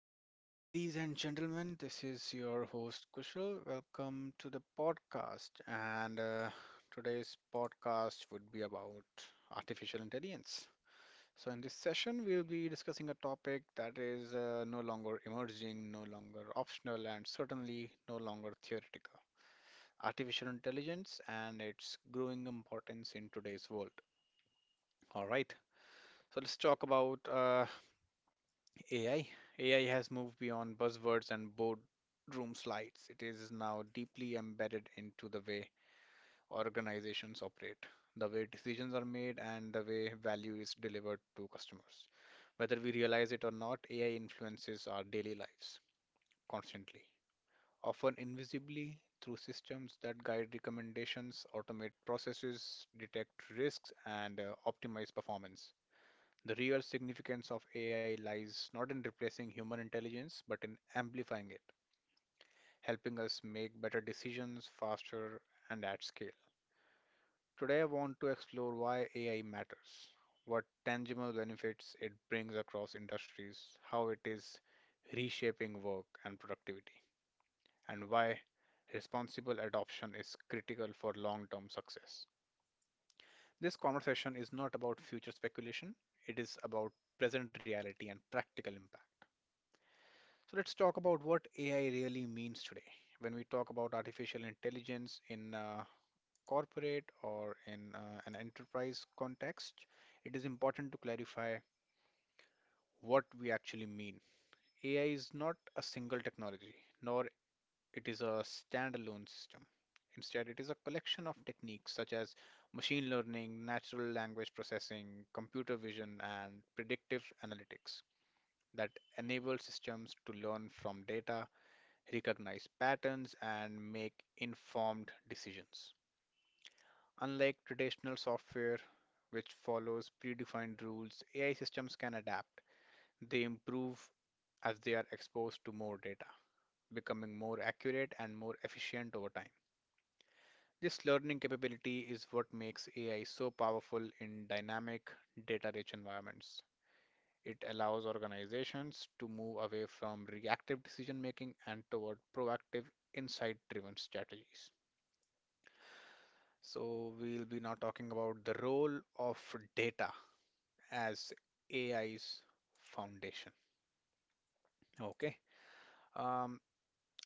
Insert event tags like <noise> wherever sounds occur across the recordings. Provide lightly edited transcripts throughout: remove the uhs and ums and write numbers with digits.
evening, ladies and gentlemen. This is your host Kushal. Welcome to the podcast. And today's podcast would be about artificial intelligence. So, in this session, we'll be discussing a topic that is no longer emerging, no longer optional, and certainly no longer theoretical: artificial intelligence and its growing importance in today's world. All right, so let's talk about AI. Has moved beyond buzzwords and boardroom slides. It is now deeply embedded into the way organizations operate, the way decisions are made, and the way value is delivered to customers. Whether we realize it or not, AI influences our daily lives constantly, often invisibly, through systems that guide recommendations, automate processes, detect risks, and optimize performance. The real significance of AI lies not in replacing human intelligence, but in amplifying it, helping us make better decisions faster and at scale. Today, I want to explore why AI matters, what tangible benefits it brings across industries, how it is reshaping work and productivity, and why responsible adoption is critical for long term success. This conversation is not about future speculation, it is about present reality and practical impact. So let's talk about what AI really means today. When we talk about artificial intelligence in corporate or in an enterprise context, it is important to clarify what we actually mean. AI is not a single technology, nor it is a standalone system. Instead, it is a collection of techniques such as machine learning, natural language processing, computer vision, and predictive analytics that enable systems to learn from data, recognize patterns, and make informed decisions. Unlike traditional software, which follows predefined rules, AI systems can adapt. They improve as they are exposed to more data, becoming more accurate and more efficient over time. This learning capability is what makes AI so powerful in dynamic, data rich environments. It allows organizations to move away from reactive decision making and toward proactive, insight driven strategies. So, we'll be now talking about the role of data as AI's foundation. Okay. Um,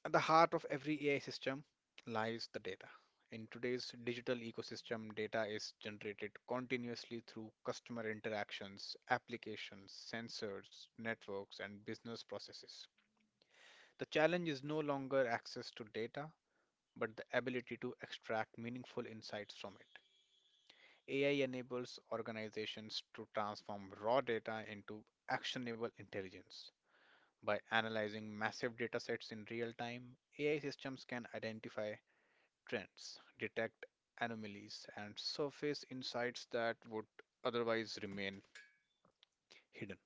at the heart of every AI system lies the data. In today's digital ecosystem, data is generated continuously through customer interactions, applications, sensors, networks, and business processes. The challenge is no longer access to data, but the ability to extract meaningful insights from it. AI enables organizations to transform raw data into actionable intelligence. By analyzing massive datasets in real time, AI systems can identify trends, detect anomalies, and surface insights that would otherwise remain hidden.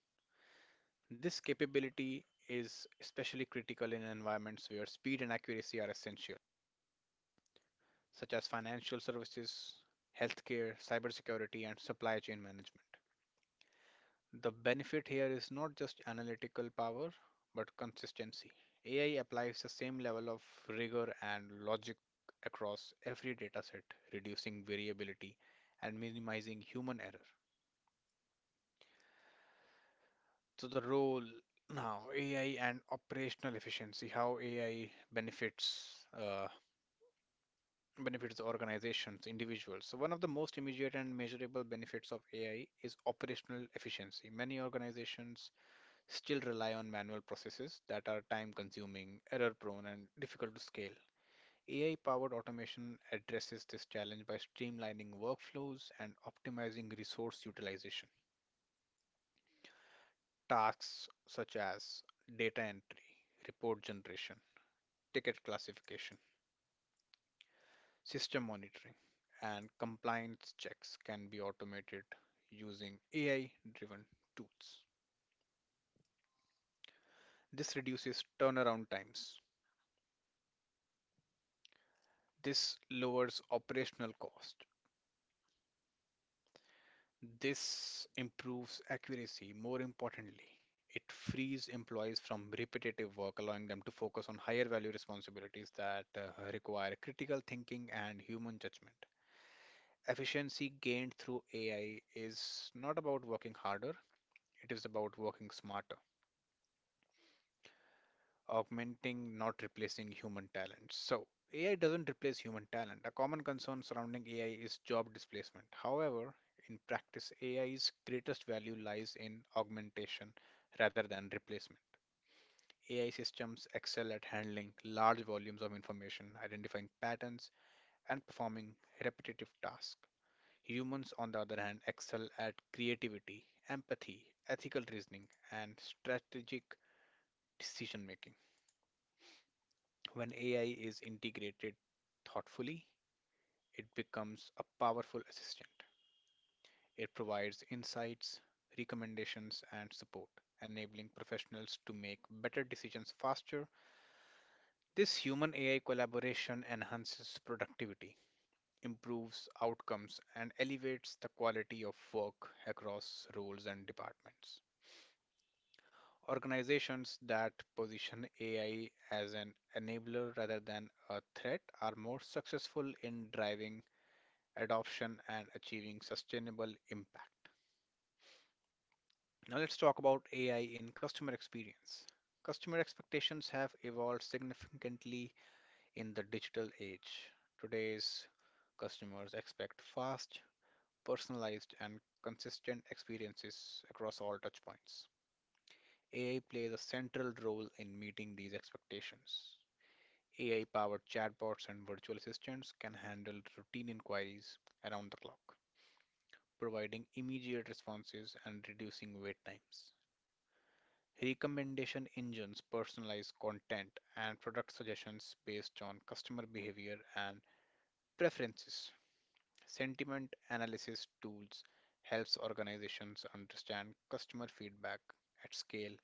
This capability is especially critical in environments where speed and accuracy are essential, such as financial services, healthcare, cybersecurity, and supply chain management. The benefit here is not just analytical power, but consistency. AI applies the same level of rigor and logic across every dataset, reducing variability and minimizing human error. So, the role now, AI and operational efficiency, how AI benefits. Benefits organizations, individuals. So one of the most immediate and measurable benefits of AI is operational efficiency. Many organizations still rely on manual processes that are time consuming, error prone, and difficult to scale. AI powered automation addresses this challenge by streamlining workflows and optimizing resource utilization. Tasks such as data entry, report generation, ticket classification, system monitoring, and compliance checks can be automated using AI driven tools. This reduces turnaround times. This lowers operational cost. This improves accuracy. More importantly, it frees employees from repetitive work, allowing them to focus on higher value responsibilities that require critical thinking and human judgment. Efficiency gained through AI is not about working harder, it is about working smarter. Augmenting, not replacing human talent. So, AI doesn't replace human talent. A common concern surrounding AI is job displacement. However, in practice, AI's greatest value lies in augmentation rather than replacement. AI systems excel at handling large volumes of information, identifying patterns, and performing repetitive tasks. Humans, on the other hand, excel at creativity, empathy, ethical reasoning, and strategic decision making. When AI is integrated thoughtfully, it becomes a powerful assistant. It provides insights, recommendations, and support, enabling professionals to make better decisions faster. This human AI collaboration enhances productivity, improves outcomes, and elevates the quality of work across roles and departments. Organizations that position AI as an enabler rather than a threat are more successful in driving adoption and achieving sustainable impact. Now, let's talk about AI in customer experience. Customer expectations have evolved significantly in the digital age. Today's customers expect fast, personalized, and consistent experiences across all touchpoints. AI plays a central role in meeting these expectations. AI powered chatbots and virtual assistants can handle routine inquiries around the clock, providing immediate responses and reducing wait times. Recommendation engines personalize content and product suggestions based on customer behavior and preferences. Sentiment analysis tools helps organizations understand customer feedback at scale,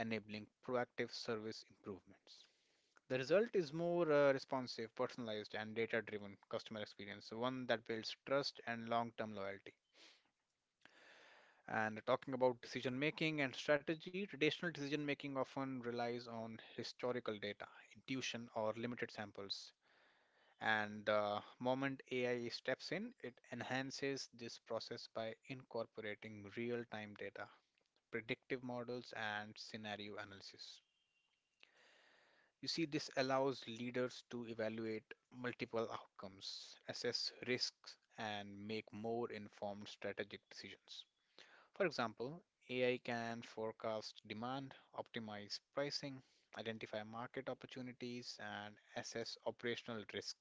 enabling proactive service improvements. The result is more responsive, personalized, and data driven customer experience, one that builds trust and long term loyalty. And talking about decision making and strategy, traditional decision making often relies on historical data, intuition, or limited samples. And the moment AI steps in, it enhances this process by incorporating real time data, predictive models, and scenario analysis. You see, this allows leaders to evaluate multiple outcomes, assess risks, and make more informed strategic decisions. For example, AI can forecast demand, optimize pricing, identify market opportunities, and assess operational risk.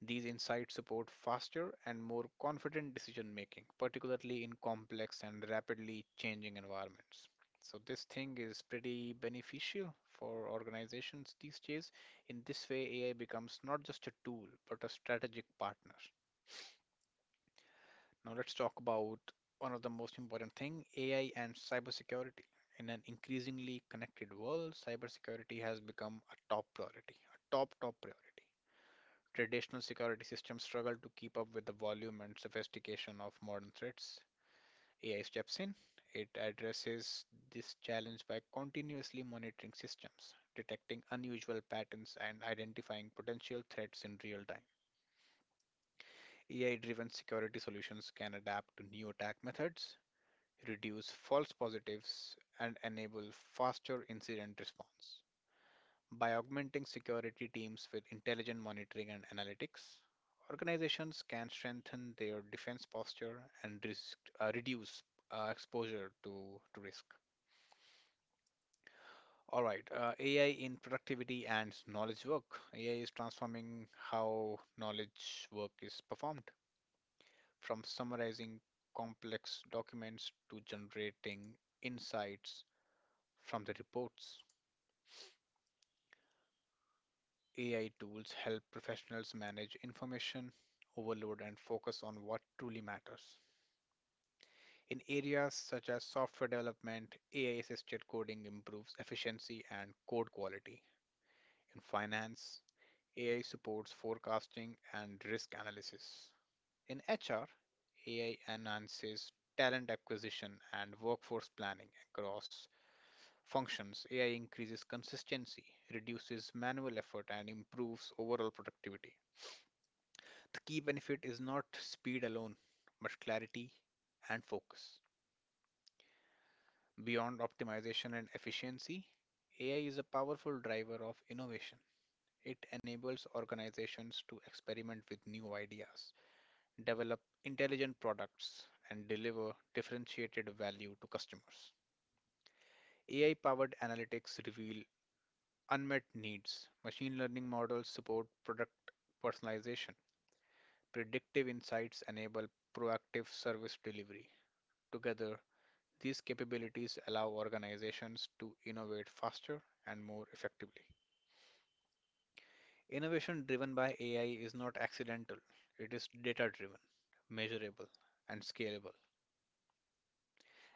These insights support faster and more confident decision making, particularly in complex and rapidly changing environments. So, this thing is pretty beneficial for organizations these days. In this way, AI becomes not just a tool, but a strategic partner. Now let's talk about one of the most important thing, AI and cybersecurity. In an increasingly connected world, cybersecurity has become a top priority, a top priority. Traditional security systems struggle to keep up with the volume and sophistication of modern threats. AI steps in. It addresses this challenge by continuously monitoring systems, detecting unusual patterns, and identifying potential threats in real time. AI driven security solutions can adapt to new attack methods, reduce false positives, and enable faster incident response. By augmenting security teams with intelligent monitoring and analytics, organizations can strengthen their defense posture and risk, reduce exposure to risk. All right, AI in productivity and knowledge work. AI is transforming how knowledge work is performed, from summarizing complex documents to generating insights from the reports. AI tools help professionals manage information overload and focus on what truly matters. In areas such as software development, AI assisted coding improves efficiency and code quality. In finance, AI supports forecasting and risk analysis. In HR, AI enhances talent acquisition and workforce planning across functions. AI increases consistency, reduces manual effort, and improves overall productivity. The key benefit is not speed alone, but clarity and focus. Beyond optimization and efficiency, AI is a powerful driver of innovation. It enables organizations to experiment with new ideas, develop intelligent products, and deliver differentiated value to customers. AI powered analytics reveal unmet needs. Machine learning models support product personalization. Predictive insights enable proactive service delivery. Together, these capabilities allow organizations to innovate faster and more effectively. Innovation driven by AI is not accidental, it is data driven, measurable, and scalable.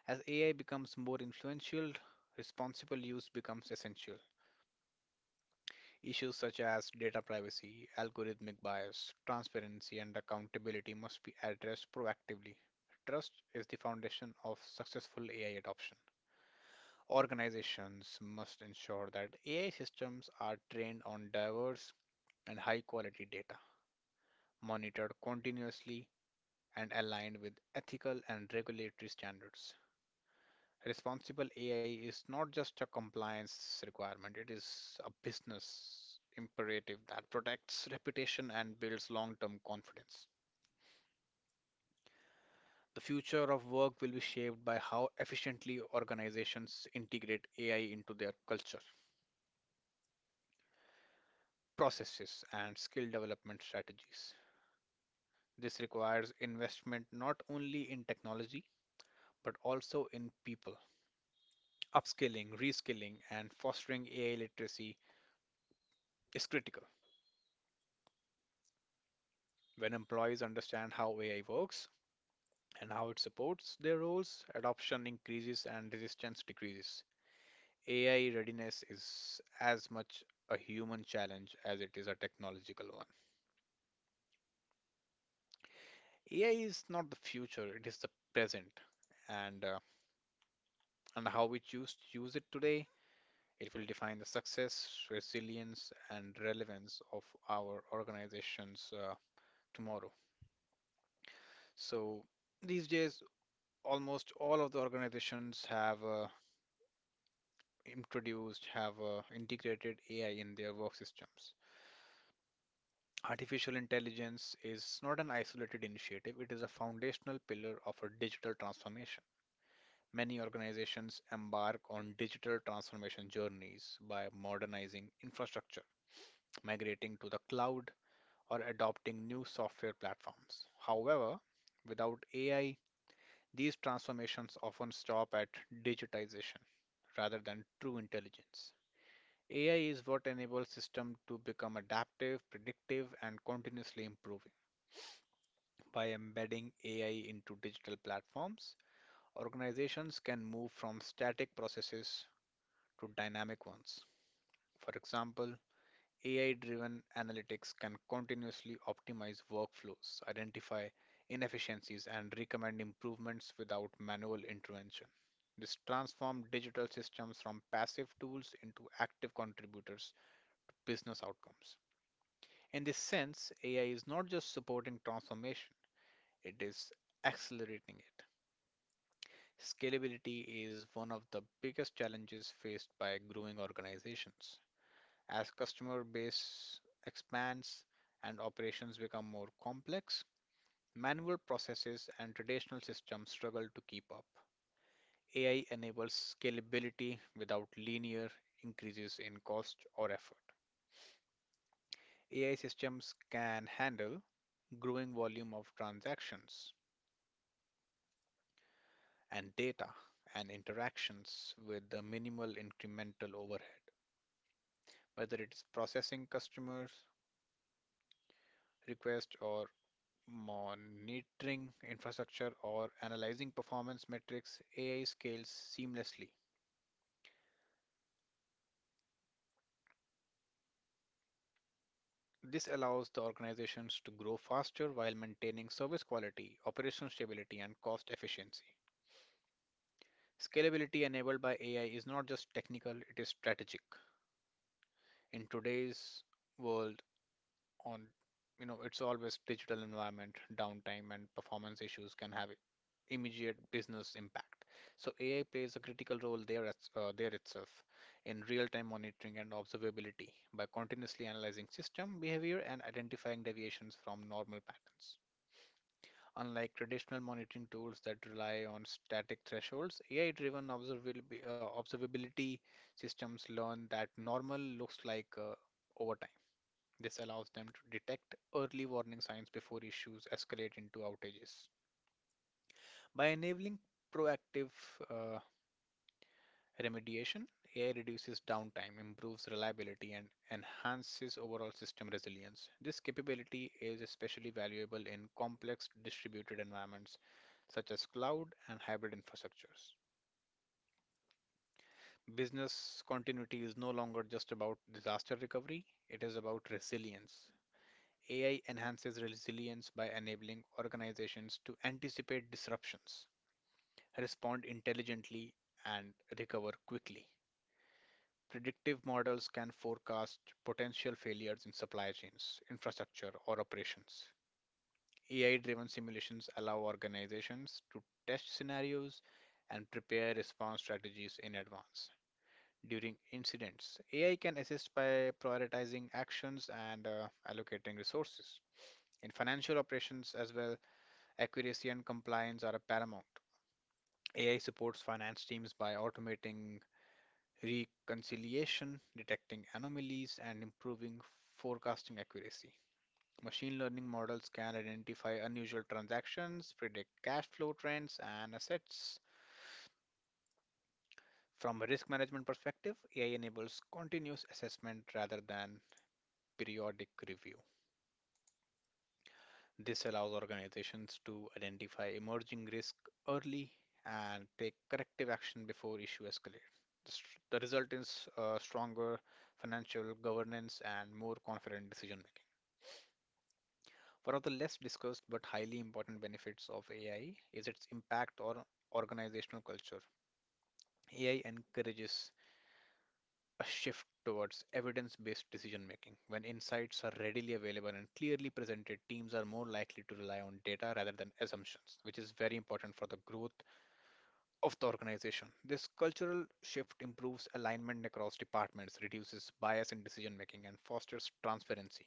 As AI becomes more influential, responsible use becomes essential. Issues such as data privacy, algorithmic bias, transparency, and accountability must be addressed proactively. Trust is the foundation of successful AI adoption. Organizations must ensure that AI systems are trained on diverse and high quality data, monitored continuously, and aligned with ethical and regulatory standards. Responsible AI is not just a compliance requirement, it is a business imperative that protects reputation and builds long term confidence. The future of work will be shaped by how efficiently organizations integrate AI into their culture, processes, and skill development strategies. This requires investment not only in technology but also in people. Upskilling, reskilling, and fostering AI literacy is critical. When employees understand how AI works and how it supports their roles, adoption increases and resistance decreases. AI readiness is as much a human challenge as it is a technological one. AI is not the future, it is the present. And, uh, and how we choose to use it today, it will define the success, resilience, and relevance of our organizations tomorrow. So these days, almost all of the organizations have integrated AI in their work systems. Artificial intelligence is not an isolated initiative, it is a foundational pillar of a digital transformation. Many organizations embark on digital transformation journeys by modernizing infrastructure, migrating to the cloud, or adopting new software platforms. However, without AI, these transformations often stop at digitization rather than true intelligence. AI is what enables systems to become adaptive, predictive, and continuously improving. By embedding AI into digital platforms, organizations can move from static processes to dynamic ones. For example, AI driven analytics can continuously optimize workflows, identify inefficiencies, and recommend improvements without manual intervention. This transforms digital systems from passive tools into active contributors' business outcomes. In this sense, AI is not just supporting transformation, it is accelerating it. Scalability is one of the biggest challenges faced by growing organizations. As customer base expands and operations become more complex, manual processes and traditional systems struggle to keep up. AI enables scalability without linear increases in cost or effort. AI systems can handle growing volume of transactions and data and interactions with a minimal incremental overhead, whether it is processing customers' requests or monitoring infrastructure, or analyzing performance metrics, AI scales seamlessly. This allows the organizations to grow faster while maintaining service quality, operational stability, and cost efficiency. Scalability enabled by AI is not just technical, it is strategic. In today's world on you know it's always digital environment. Downtime and performance issues can have immediate business impact, so AI plays a critical role there itself in real-time monitoring and observability by continuously analyzing system behavior and identifying deviations from normal patterns. Unlike traditional monitoring tools that rely on static thresholds, ai-driven observability systems learn that normal looks like over time. This allows them to detect early warning signs before issues escalate into outages. By enabling proactive uh, remediation, AI reduces downtime, improves reliability, and enhances overall system resilience. This capability is especially valuable in complex distributed environments such as cloud and hybrid infrastructures. Business continuity is no longer just about disaster recovery, it is about resilience. AI enhances resilience by enabling organizations to anticipate disruptions, respond intelligently, and recover quickly. Predictive models can forecast potential failures in supply chains, infrastructure, or operations. AI driven simulations allow organizations to test scenarios and prepare response strategies in advance. During incidents, AI can assist by prioritizing actions and allocating resources. In financial operations as well, accuracy and compliance are paramount. AI supports finance teams by automating reconciliation, detecting anomalies, and improving forecasting accuracy. Machine learning models can identify unusual transactions, predict cash flow trends, and assets. From a risk management perspective, AI enables continuous assessment rather than periodic review. This allows organizations to identify emerging risk early and take corrective action before issue escalate. The result is stronger financial governance and more confident decision making. One of the less discussed but highly important benefits of AI is its impact on organizational culture. AI encourages a shift towards evidence based decision making. When insights are readily available and clearly presented, teams are more likely to rely on data rather than assumptions, which is very important for the growth of the organization. This cultural shift improves alignment across departments, reduces bias in decision making, and fosters transparency.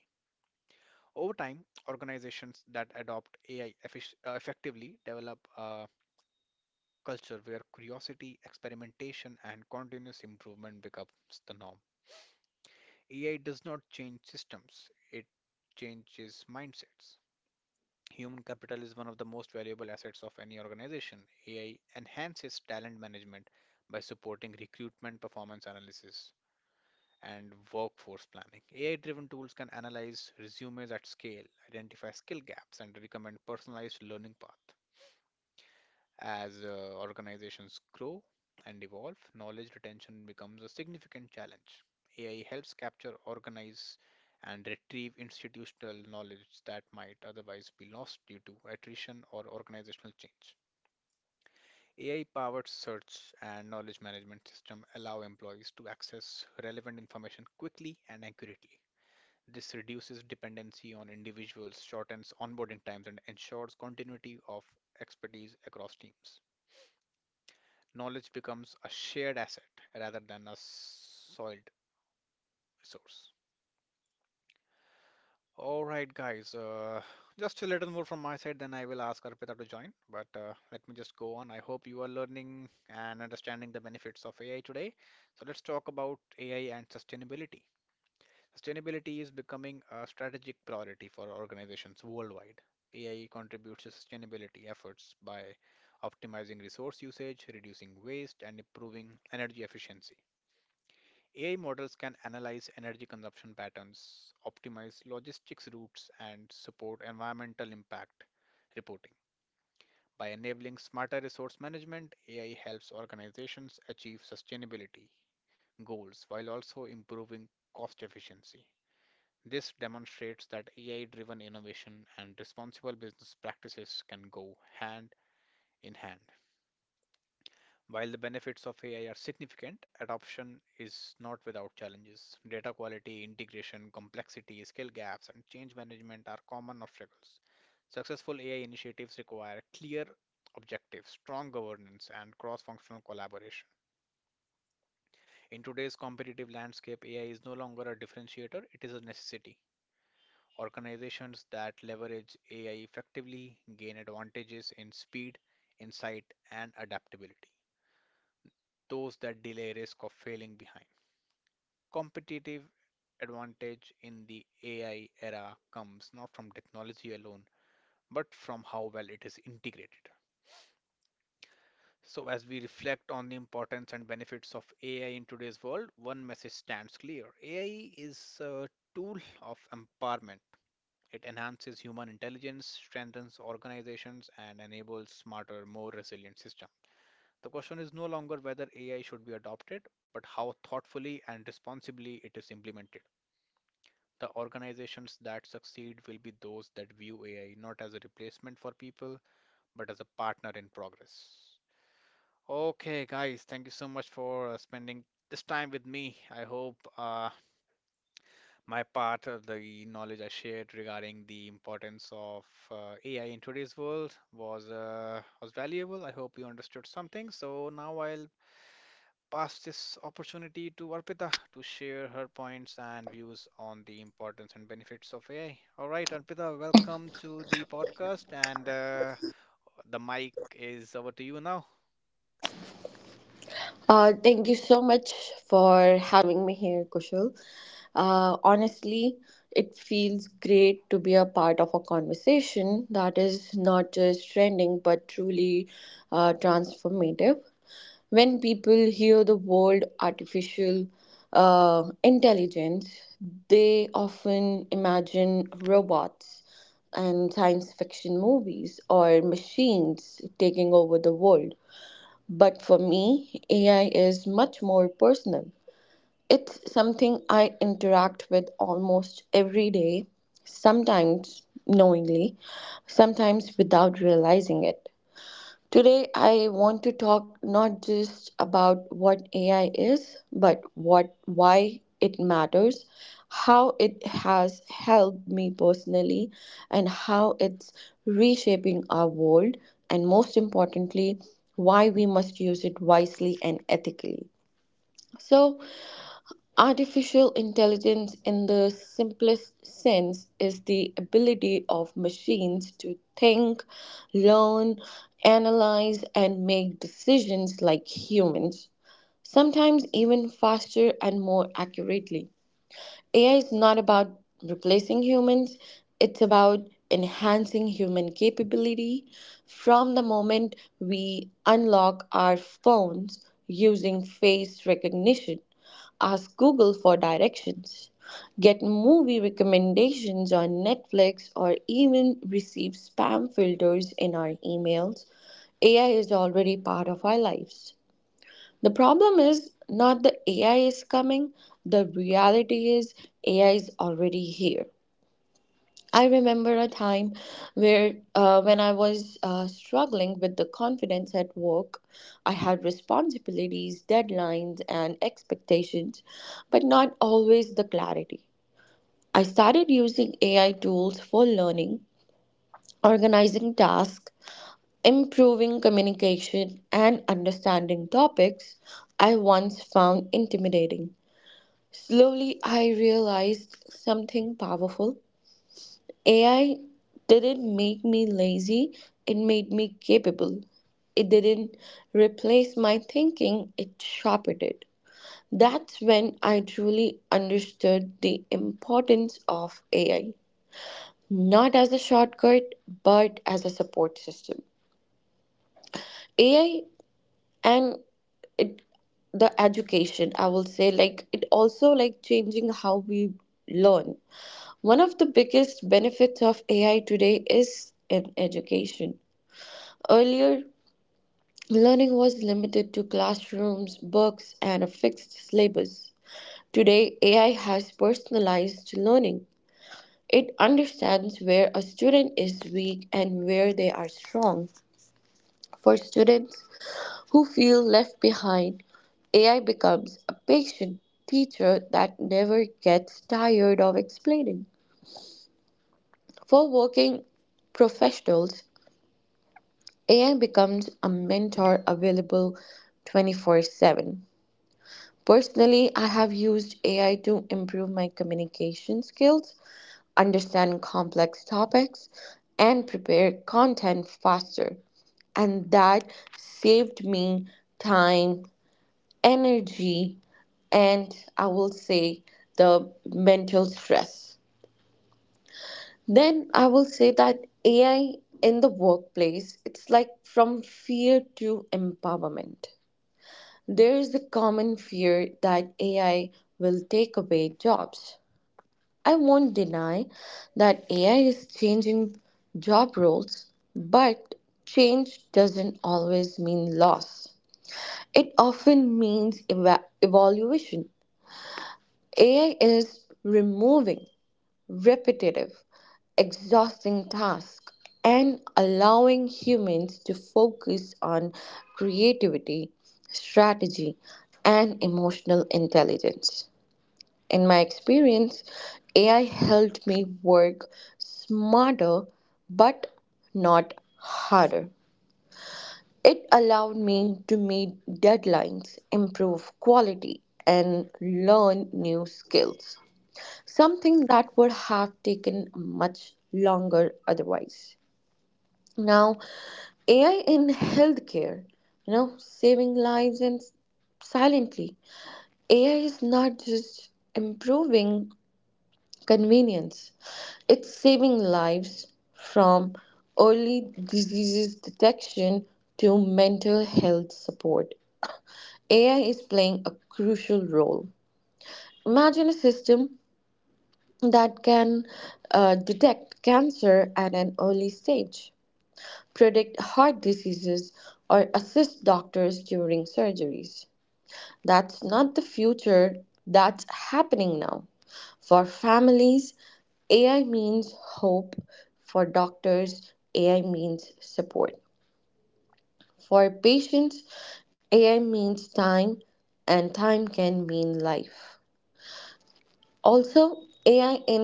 Over time, organizations that adopt AI effectively develop a culture where curiosity, experimentation, and continuous improvement becomes the norm. AI does not change systems, it changes mindsets. Human capital is one of the most valuable assets of any organization. AI enhances talent management by supporting recruitment, performance analysis, and workforce planning. AI driven tools can analyze resumes at scale, identify skill gaps, and recommend personalized learning paths. As organizations grow and evolve, knowledge retention becomes a significant challenge. AI helps capture, organize, and retrieve institutional knowledge that might otherwise be lost due to attrition or organizational change. AI powered search and knowledge management system allow employees to access relevant information quickly and accurately. This reduces dependency on individuals, shortens onboarding times, and ensures continuity of expertise across teams. Knowledge becomes a shared asset rather than a soiled resource. All right, guys, just a little more from my side, then I will ask Arpita to join. But let me just go on. I hope you are learning and understanding the benefits of AI today. So let's talk about AI and sustainability. Sustainability is becoming a strategic priority for organizations worldwide. AI contributes to sustainability efforts by optimizing resource usage, reducing waste, and improving energy efficiency. AI models can analyze energy consumption patterns, optimize logistics routes, and support environmental impact reporting. By enabling smarter resource management, AI helps organizations achieve sustainability goals while also improving cost efficiency. This demonstrates that AI driven innovation and responsible business practices can go hand in hand. While the benefits of AI are significant, adoption is not without challenges. Data quality, integration, complexity, skill gaps, and change management are common obstacles. Successful AI initiatives require clear objectives, strong governance, and cross functional collaboration. In today's competitive landscape, AI is no longer a differentiator, it is a necessity. Organizations that leverage AI effectively gain advantages in speed, insight, and adaptability. Those that delay risk of failing behind. Competitive advantage in the AI era comes not from technology alone, but from how well it is integrated. So, as we reflect on the importance and benefits of AI in today's world, one message stands clear: AI is a tool of empowerment. It enhances human intelligence, strengthens organizations, and enables smarter, more resilient systems. The question is no longer whether AI should be adopted, but how thoughtfully and responsibly it is implemented. The organizations that succeed will be those that view AI not as a replacement for people, but as a partner in progress. Okay, guys, thank you so much for spending this time with me. I hope my part of the knowledge I shared regarding the importance of AI in today's world was valuable. I hope you understood something. So now I'll pass this opportunity to Arpita to share her points and views on the importance and benefits of AI. All right, Arpita, welcome to the podcast, and the mic is over to you now. Thank you so much for having me here, Kushal. Honestly, it feels great to be a part of a conversation that is not just trending but truly transformative. When people hear the word artificial intelligence, they often imagine robots and science fiction movies or machines taking over the world. But for me, AI is much more personal. It's something I interact with almost every day, sometimes knowingly, sometimes without realizing it. Today, I want to talk not just about what AI is, but what why it matters, how it has helped me personally, and how it's reshaping our world, and most importantly, why we must use it wisely and ethically. So, artificial intelligence, in the simplest sense, is the ability of machines to think, learn, analyze, and make decisions like humans, sometimes even faster and more accurately. AI is not about replacing humans, it's about enhancing human capability. From the moment we unlock our phones using face recognition, ask Google for directions, get movie recommendations on Netflix, or even receive spam filters in our emails, AI is already part of our lives. The problem is not the AI is coming, the reality is AI is already here. I remember a time when I was struggling with the confidence at work. I had responsibilities, deadlines, and expectations, but not always the clarity. I started using AI tools for learning, organizing tasks, improving communication, and understanding topics I once found intimidating. Slowly, I realized something powerful. AI didn't make me lazy, it made me capable. It didn't replace my thinking, it sharpened it. That's when I truly understood the importance of AI, not as a shortcut, but as a support system. AI and it, the education, I will say, like it also, like changing how we learn. One of the biggest benefits of AI today is in education. Earlier, learning was limited to classrooms, books, and a fixed syllabus. Today, AI has personalized learning. It understands where a student is weak and where they are strong. For students who feel left behind, AI becomes a patient teacher that never gets tired of explaining. For working professionals, AI becomes a mentor available 24/7. Personally, I have used AI to improve my communication skills, understand complex topics, and prepare content faster. And that saved me time, energy, and I will say the mental stress. Then I will say that AI in the workplace, it's like from fear to empowerment. There is a common fear that AI will take away jobs. I won't deny that AI is changing job roles, but change doesn't always mean loss. It often means evaluation. AI is removing repetitive, exhausting task and allowing humans to focus on creativity, strategy, and emotional intelligence. In my experience, AI helped me work smarter but not harder. It allowed me to meet deadlines, improve quality, and learn new skills, something that would have taken much longer otherwise. Now, AI in healthcare, you know, saving lives and silently. AI is not just improving convenience, it's saving lives from early diseases detection to mental health support. AI is playing a crucial role. Imagine a system that can detect cancer at an early stage, predict heart diseases, or assist doctors during surgeries. That's not the future, that's happening now. For families, AI means hope. For doctors, AI means support. For patients, AI means time, and time can mean life also. AI in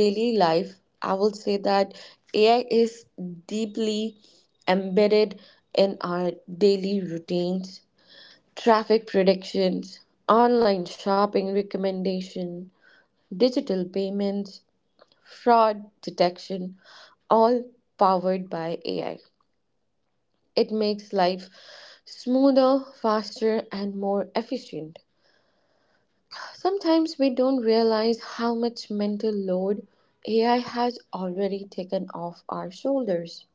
daily life, I will say that AI is deeply embedded in our daily routines. Traffic predictions, online shopping recommendation, digital payments, fraud detection, all powered by AI. It makes life smoother, faster, and more efficient. Sometimes we don't realize how much mental load AI has already taken off our shoulders.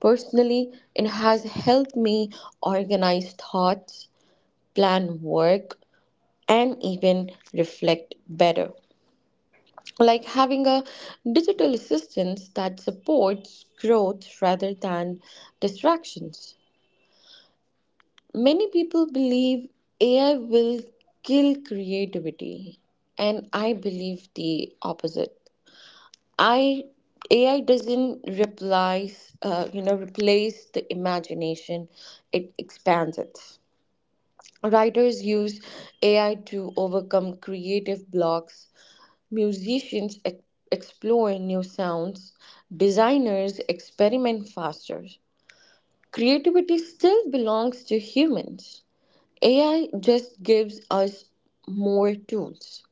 Personally, it has helped me organize thoughts, plan work, and even reflect better. Like having a digital assistance that supports growth rather than distractions. Many people believe AI will kill creativity, and I believe the opposite. I AI doesn't replace you know replace the imagination; it expands it. Writers use AI to overcome creative blocks. Musicians explore new sounds. Designers experiment faster. Creativity still belongs to humans. AI just gives us more tools.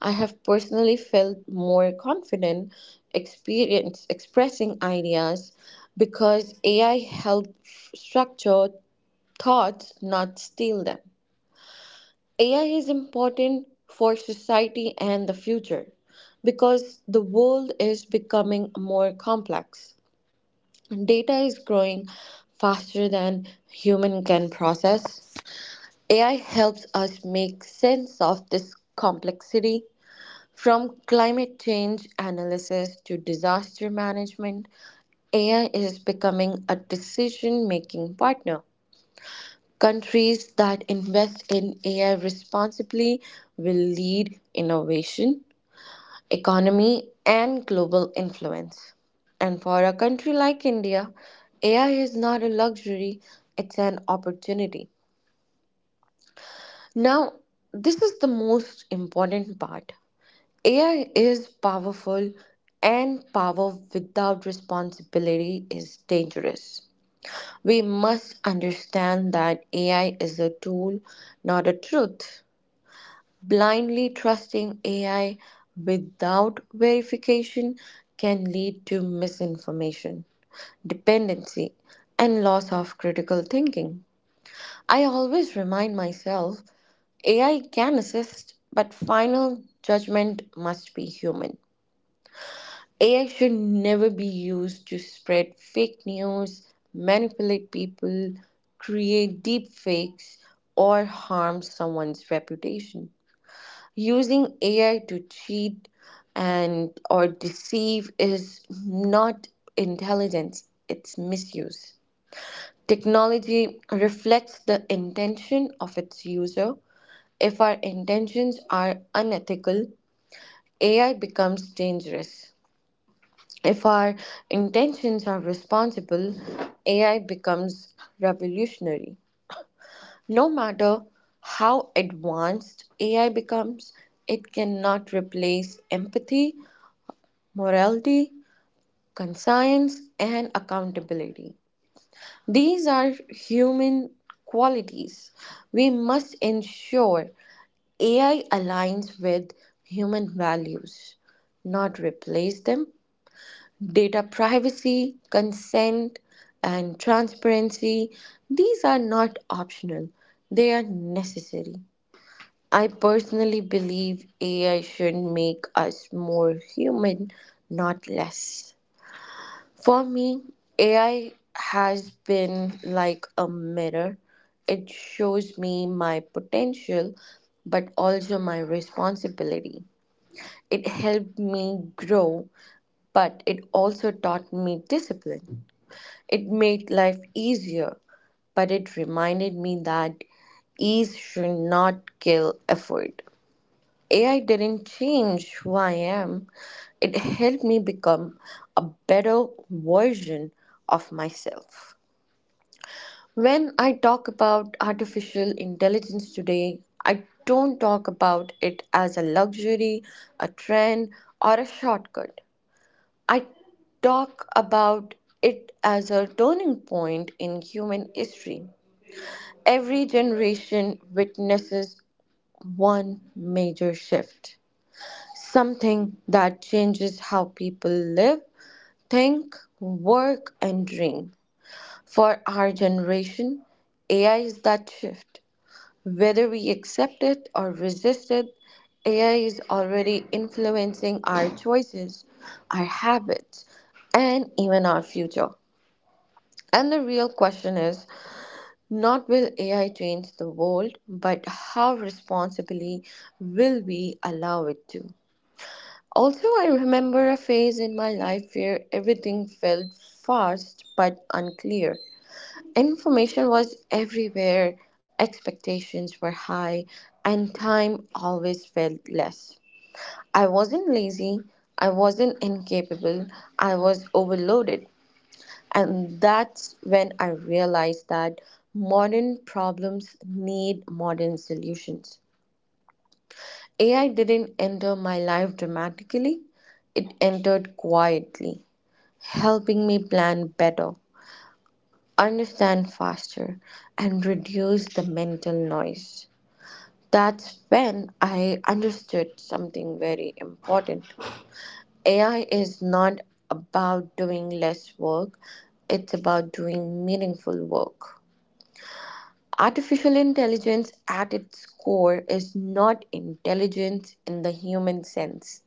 I have personally felt more confident experience expressing ideas because AI helps structure thoughts, not steal them. AI is important for society and the future because the world is becoming more complex. Data is growing faster than human can process. AI helps us make sense of this complexity. From climate change analysis to disaster management, AI is becoming a decision making partner. Countries that invest in AI responsibly will lead innovation, economy, and global influence. And for a country like India, AI is not a luxury, it's an opportunity. Now, this is the most important part. AI is powerful, and power without responsibility is dangerous. We must understand that AI is a tool, not a truth. Blindly trusting AI without verification can lead to misinformation, dependency, and loss of critical thinking. I always remind myself AI can assist, but final judgment must be human. AI should never be used to spread fake news, manipulate people, create deep fakes, or harm someone's reputation. Using AI to cheat and or deceive is not intelligence, it's misuse. Technology reflects the intention of its user. If our intentions are unethical, AI becomes dangerous. If our intentions are responsible, AI becomes revolutionary. No matter how advanced AI becomes, it cannot replace empathy, morality, conscience, and accountability. These are human qualities. We must ensure AI aligns with human values, not replace them. Data privacy, consent, and transparency, these are not optional, they are necessary. I personally believe AI should make us more human, not less. For me, AI has been like a mirror. It shows me my potential, but also my responsibility. It helped me grow, but it also taught me discipline. It made life easier, but it reminded me that ease should not kill effort. AI didn't change who I am, it helped me become a better version of myself. When I talk about artificial intelligence today, I don't talk about it as a luxury, a trend, or a shortcut. I talk about it as a turning point in human history. Every generation witnesses one major shift, something that changes how people live, think, work, and dream. For our generation, AI is that shift. Whether we accept it or resist it, AI is already influencing our choices, our habits, and even our future. And the real question is not will AI change the world, but how responsibly will we allow it to? Also, I remember a phase in my life where everything felt fast but unclear. Information was everywhere, expectations were high, and time always felt less. I wasn't lazy, I wasn't incapable, I was overloaded. And that's when I realized that modern problems need modern solutions. AI didn't enter my life dramatically, it entered quietly, helping me plan better, understand faster, and reduce the mental noise. That's when I understood something very important. AI is not about doing less work, it's about doing meaningful work. Artificial intelligence at its core is not intelligence in the human sense.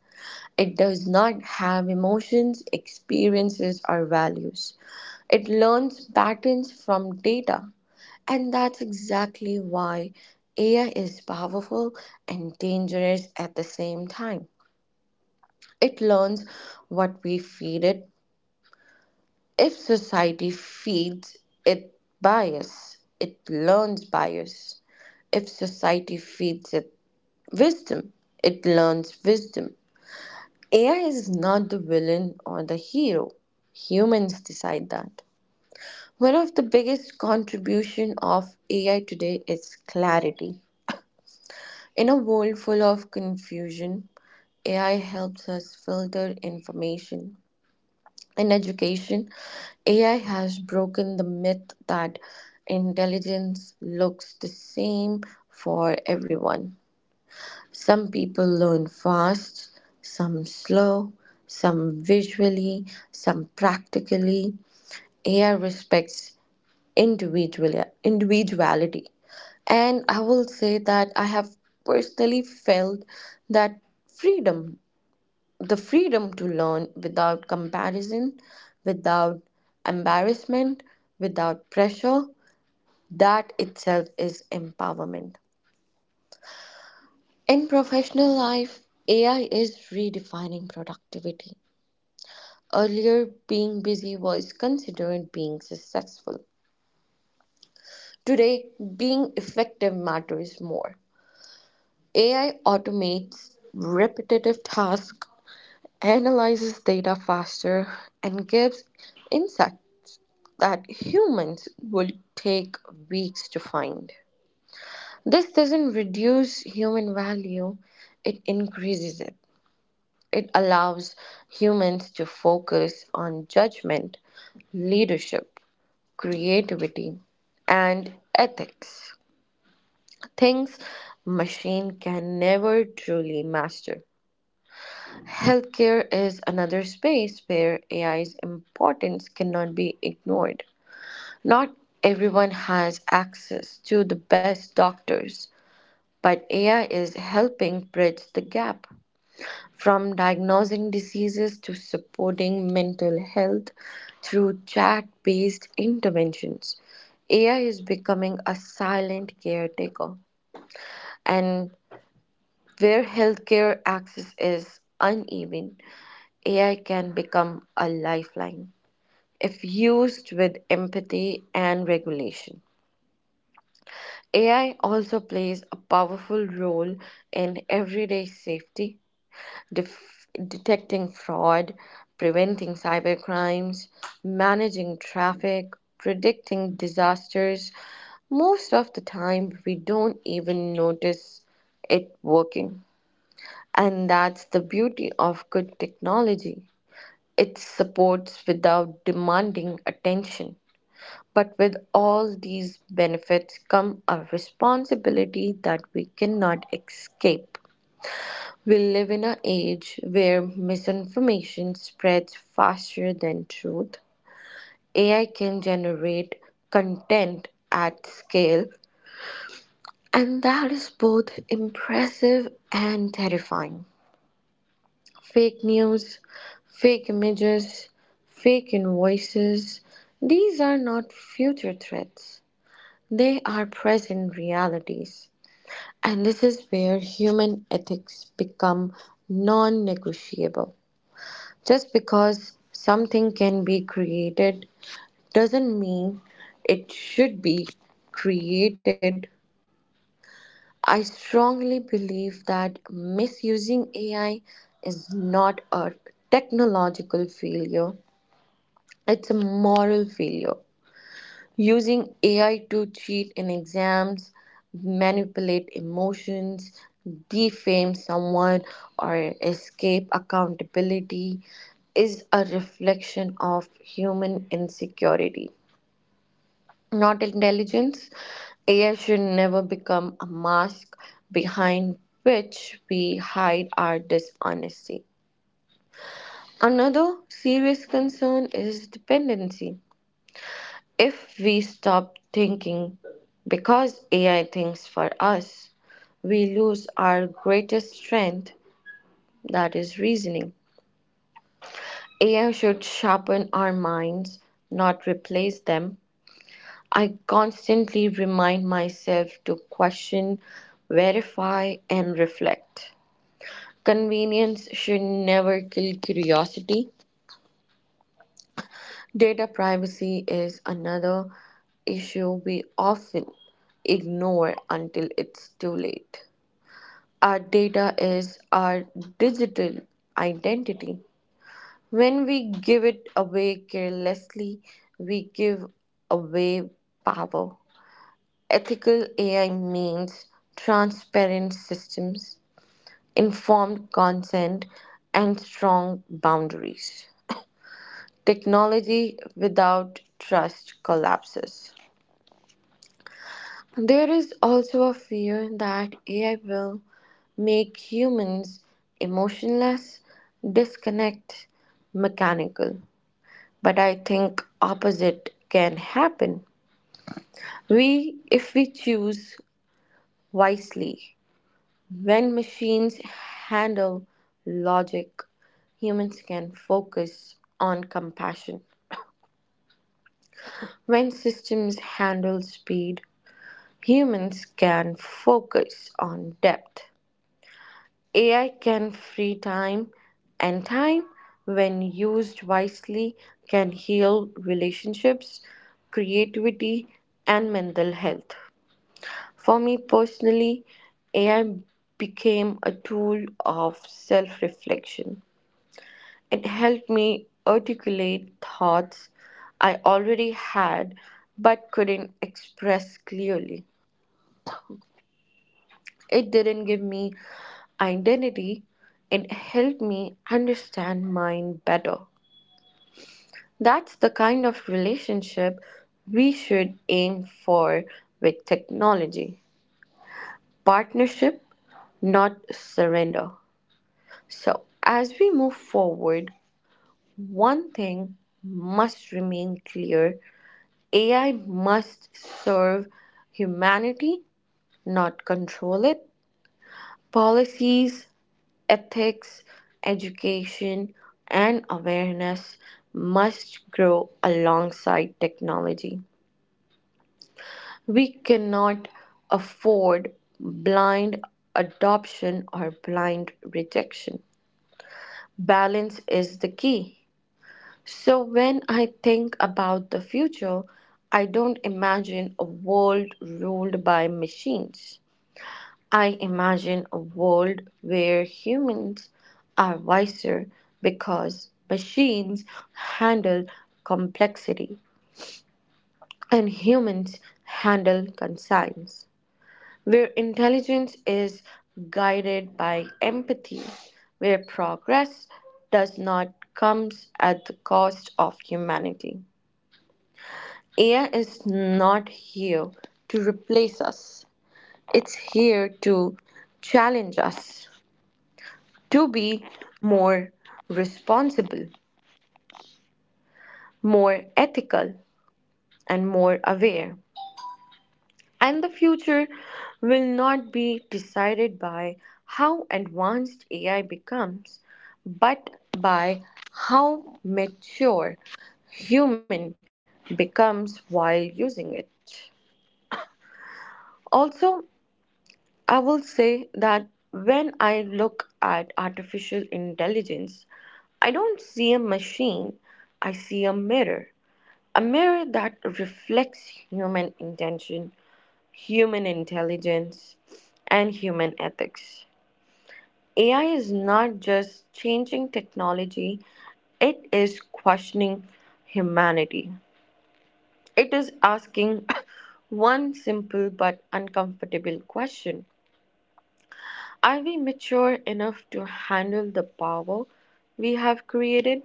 It does not have emotions, experiences, or values. It learns patterns from data. And that's exactly why AI is powerful and dangerous at the same time. It learns what we feed it. If society feeds it bias, it learns bias. If society feeds it wisdom, it learns wisdom. AI is not the villain or the hero. Humans decide that. One of the biggest contribution of AI today is clarity. In a world full of confusion, AI helps us filter information. In education, AI has broken the myth that intelligence looks the same for everyone. Some people learn fast, some slow, some visually, some practically. AI respects individuality. And I will say that I have personally felt that freedom the freedom to learn without comparison, without embarrassment, without pressure, that itself is empowerment. In professional life, AI is redefining productivity. Earlier, being busy was considered being successful. Today, being effective matters more. AI automates repetitive tasks, analyzes data faster, and gives insight that humans would take weeks to find. This doesn't reduce human value, it increases it. It allows humans to focus on judgment, leadership, creativity, and ethics. Things machine can never truly master. Healthcare is another space where AI's importance cannot be ignored. Not everyone has access to the best doctors, but AI is helping bridge the gap from diagnosing diseases to supporting mental health through chat based interventions. AI is becoming a silent caretaker, and where healthcare access is uneven, AI can become a lifeline if used with empathy and regulation. AI also plays a powerful role in everyday safety, detecting fraud, preventing cybercrimes, managing traffic, predicting disasters. Most of the time, we don't even notice it working. And that's the beauty of good technology. It supports without demanding attention. But with all these benefits come a responsibility that we cannot escape. We live in an age where misinformation spreads faster than truth. AI can generate content at scale, and that is both impressive and terrifying. Fake news, fake images, fake invoices, these are not future threats. They are present realities, and this is where human ethics become non negotiable. Just because something can be created doesn't mean it should be created. I strongly believe that misusing AI is not a technological failure, it's a moral failure. Using AI to cheat in exams, manipulate emotions, defame someone, or escape accountability is a reflection of human insecurity, not intelligence. AI should never become a mask behind which we hide our dishonesty. Another serious concern is dependency. If we stop thinking because AI thinks for us, we lose our greatest strength, that is reasoning. AI should sharpen our minds, not replace them. I constantly remind myself to question, verify, and reflect. Convenience should never kill curiosity. Data privacy is another issue we often ignore until it's too late. Our data is our digital identity. When we give it away carelessly, we give away power. Ethical AI means transparent systems, informed consent, and strong boundaries. Technology without trust collapses. There is also a fear that AI will make humans emotionless, disconnect, mechanical. But I think opposite can happen. We if we choose wisely. When machines handle logic, humans can focus on compassion. When systems handle speed, humans can focus on depth. AI can free time, and time, when used wisely, can heal relationships, creativity, and mental health. For me personally, AI became a tool of self reflection. It helped me articulate thoughts I already had but couldn't express clearly. It didn't give me identity, it helped me understand mine better. That's the kind of relationship we should aim for with technology, partnership, not surrender. So, as we move forward, one thing must remain clear: AI must serve humanity, not control it. Policies, ethics, education, and awareness must grow alongside technology. We cannot afford blind adoption or blind rejection. Balance is the key. So, when I think about the future, I don't imagine a world ruled by machines. I imagine a world where humans are wiser because machines handle complexity and humans handle conscience, where intelligence is guided by empathy, where progress does not comes at the cost of humanity. AI is not here to replace us. It's here to challenge us to be more responsible, more ethical, and more aware. And the future will not be decided by how advanced AI becomes, but by how mature human becomes while using it. Also, I will say that when I look at artificial intelligence, I don't see a machine, I see a mirror. A mirror that reflects human intention, human intelligence, and human ethics. AI is not just changing technology, it is questioning humanity. It is asking <laughs> one simple but uncomfortable question: are we mature enough to handle the power we have created?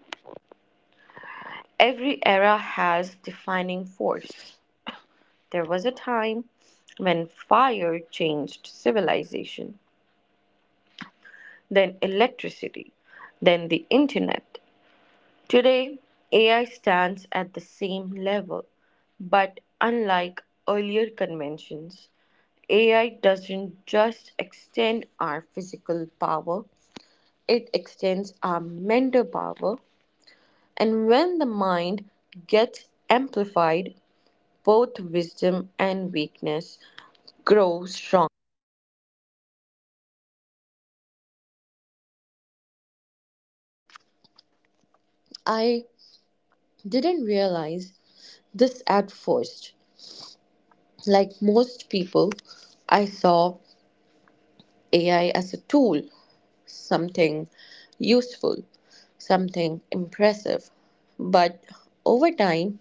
Every era has defining force. There was a time when fire changed civilization, then electricity, then the internet. Today, AI stands at the same level, but unlike earlier conventions, AI doesn't just extend our physical power, it extends our mental power. And when the mind gets amplified, both wisdom and weakness grow strong. I didn't realize this at first. Like most people, I saw AI as a tool, something useful, something impressive. But over time,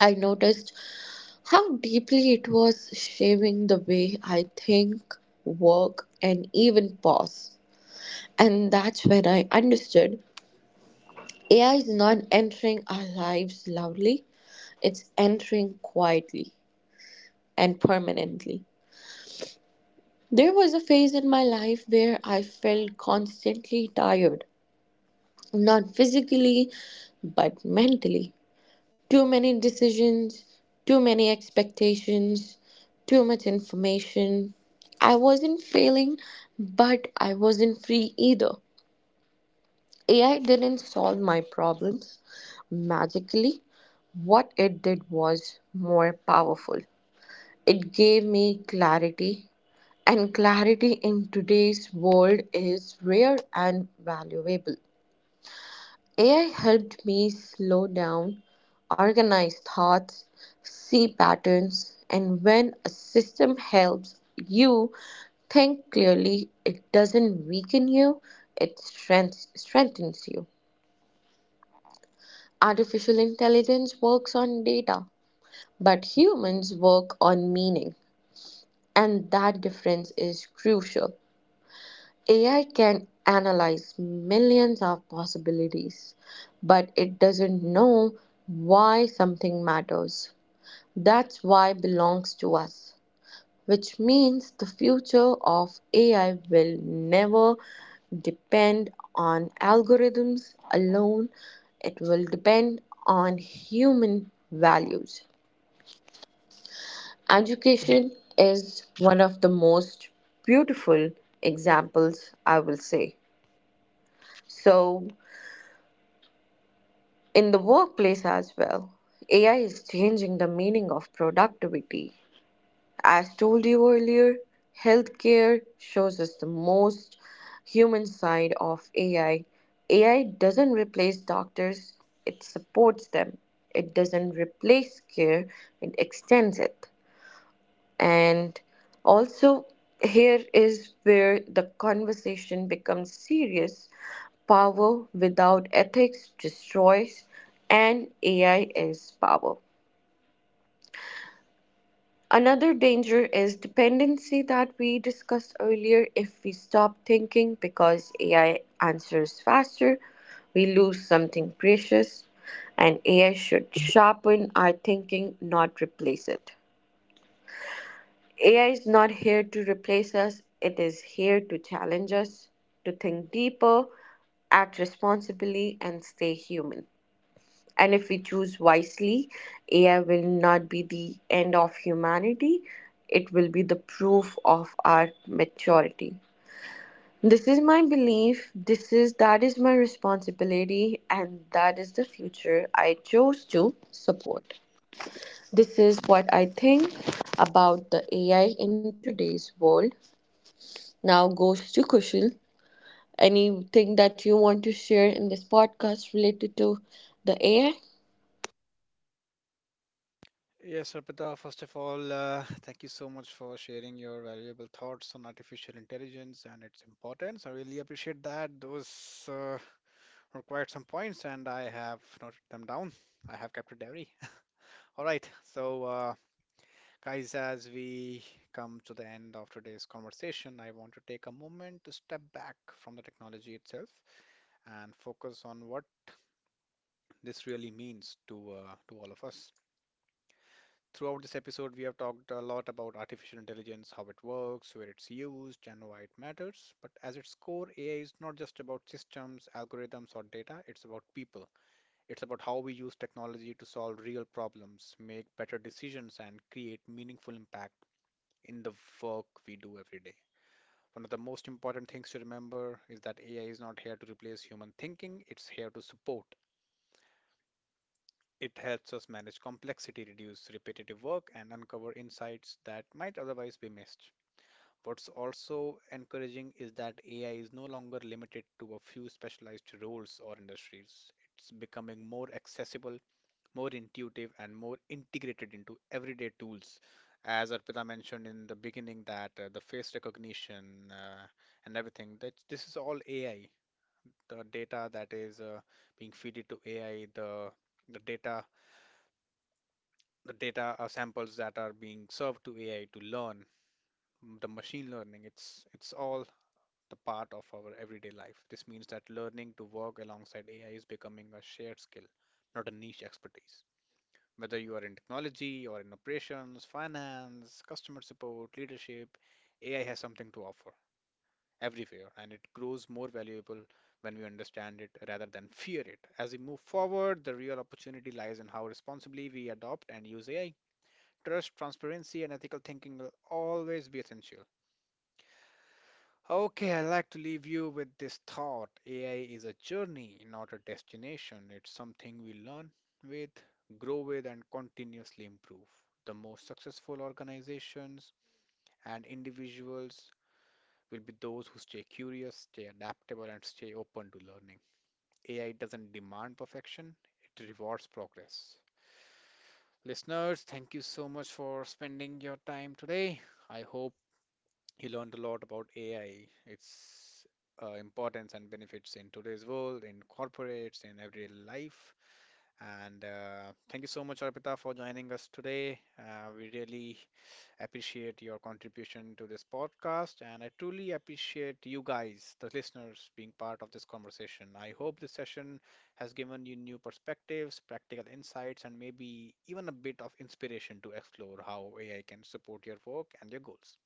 I noticed how deeply it was shaping the way I think, work, and even pause. And that's when I understood AI is not entering our lives loudly, it's entering quietly and permanently. There was a phase in my life where I felt constantly tired, not physically, but mentally. Too many decisions, too many expectations, too much information. I wasn't failing, but I wasn't free either. AI didn't solve my problems magically. What it did was more powerful. It gave me clarity, and clarity in today's world is rare and valuable. AI helped me slow down, organize thoughts, see patterns, and when a system helps you think clearly, it doesn't weaken you, strengthens you. Artificial intelligence works on data, but humans work on meaning, and that difference is crucial. AI can analyze millions of possibilities, but it doesn't know why something matters. That's why belongs to us, which means the future of AI will never depend on algorithms alone. It will depend on human values. Education is one of the most beautiful examples, I will say. So, in the workplace as well, AI is changing the meaning of productivity. As told you earlier, healthcare shows us the most human side of AI. AI doesn't replace doctors, it supports them. It doesn't replace care, it extends it. And also, here is where the conversation becomes serious. Power without ethics destroys, and AI is power. Another danger is dependency that we discussed earlier. If we stop thinking because AI answers faster, we lose something precious, and AI should sharpen our thinking, not replace it. AI is not here to replace us, it is here to challenge us, to think deeper, act responsibly, and stay human. And if we choose wisely, AI will not be the end of humanity, it will be the proof of our maturity. This is my belief, this is that is my responsibility, and that is the future I chose to support. This is what I think about the AI in today's world. Now goes to Kushal. Anything that you want to share in this podcast related to the AI? Yes, Arpita, first of all, thank you so much for sharing your valuable thoughts on artificial intelligence and its importance. I really appreciate that. Those required some points, and I have noted them down. I have kept a diary. <laughs> All right, so guys, as we come to the end of today's conversation, I want to take a moment to step back from the technology itself and focus on what this really means to all of us. Throughout this episode, we have talked a lot about artificial intelligence, how it works, where it's used, and why it matters. But as its core, AI is not just about systems, algorithms, or data, it's about people. It's about how we use technology to solve real problems, make better decisions, and create meaningful impact in the work we do every day. One of the most important things to remember is that AI is not here to replace human thinking, it's here to support. It helps us manage complexity, reduce repetitive work, and uncover insights that might otherwise be missed. What's also encouraging is that AI is no longer limited to a few specialized roles or industries. It's becoming more accessible, more intuitive, and more integrated into everyday tools. As Arpita mentioned in the beginning, that the face recognition and everything, that this is all AI. The data that is being fed to AI, the data, the data samples that are being served to AI to learn, the machine learning. It's all the part of our everyday life. This means that learning to work alongside AI is becoming a shared skill, not a niche expertise. Whether you are in technology or in operations, finance, customer support, leadership, AI has something to offer everywhere, and it grows more valuable when we understand it rather than fear it. As we move forward, the real opportunity lies in how responsibly we adopt and use AI. Trust, transparency, and ethical thinking will always be essential. Okay, I'd like to leave you with this thought. AI is a journey, not a destination. It's something we learn with, grow with, and continuously improve. The most successful organizations and individuals will be those who stay curious, stay adaptable, and stay open to learning. AI doesn't demand perfection, it rewards progress. Listeners, thank you so much for spending your time today. I hope he learned a lot about AI, its importance and benefits in today's world, in corporates, in everyday life. And thank you so much, Arpita, for joining us today. We really appreciate your contribution to this podcast, and I truly appreciate you guys, the listeners, being part of this conversation. I hope this session has given you new perspectives, practical insights, and maybe even a bit of inspiration to explore how AI can support your work and your goals.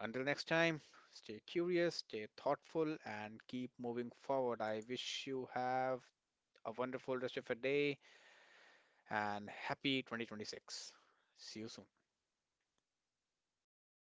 Until next time, stay curious, stay thoughtful, and keep moving forward. I wish you have a wonderful rest of your day and happy 2026. See you soon.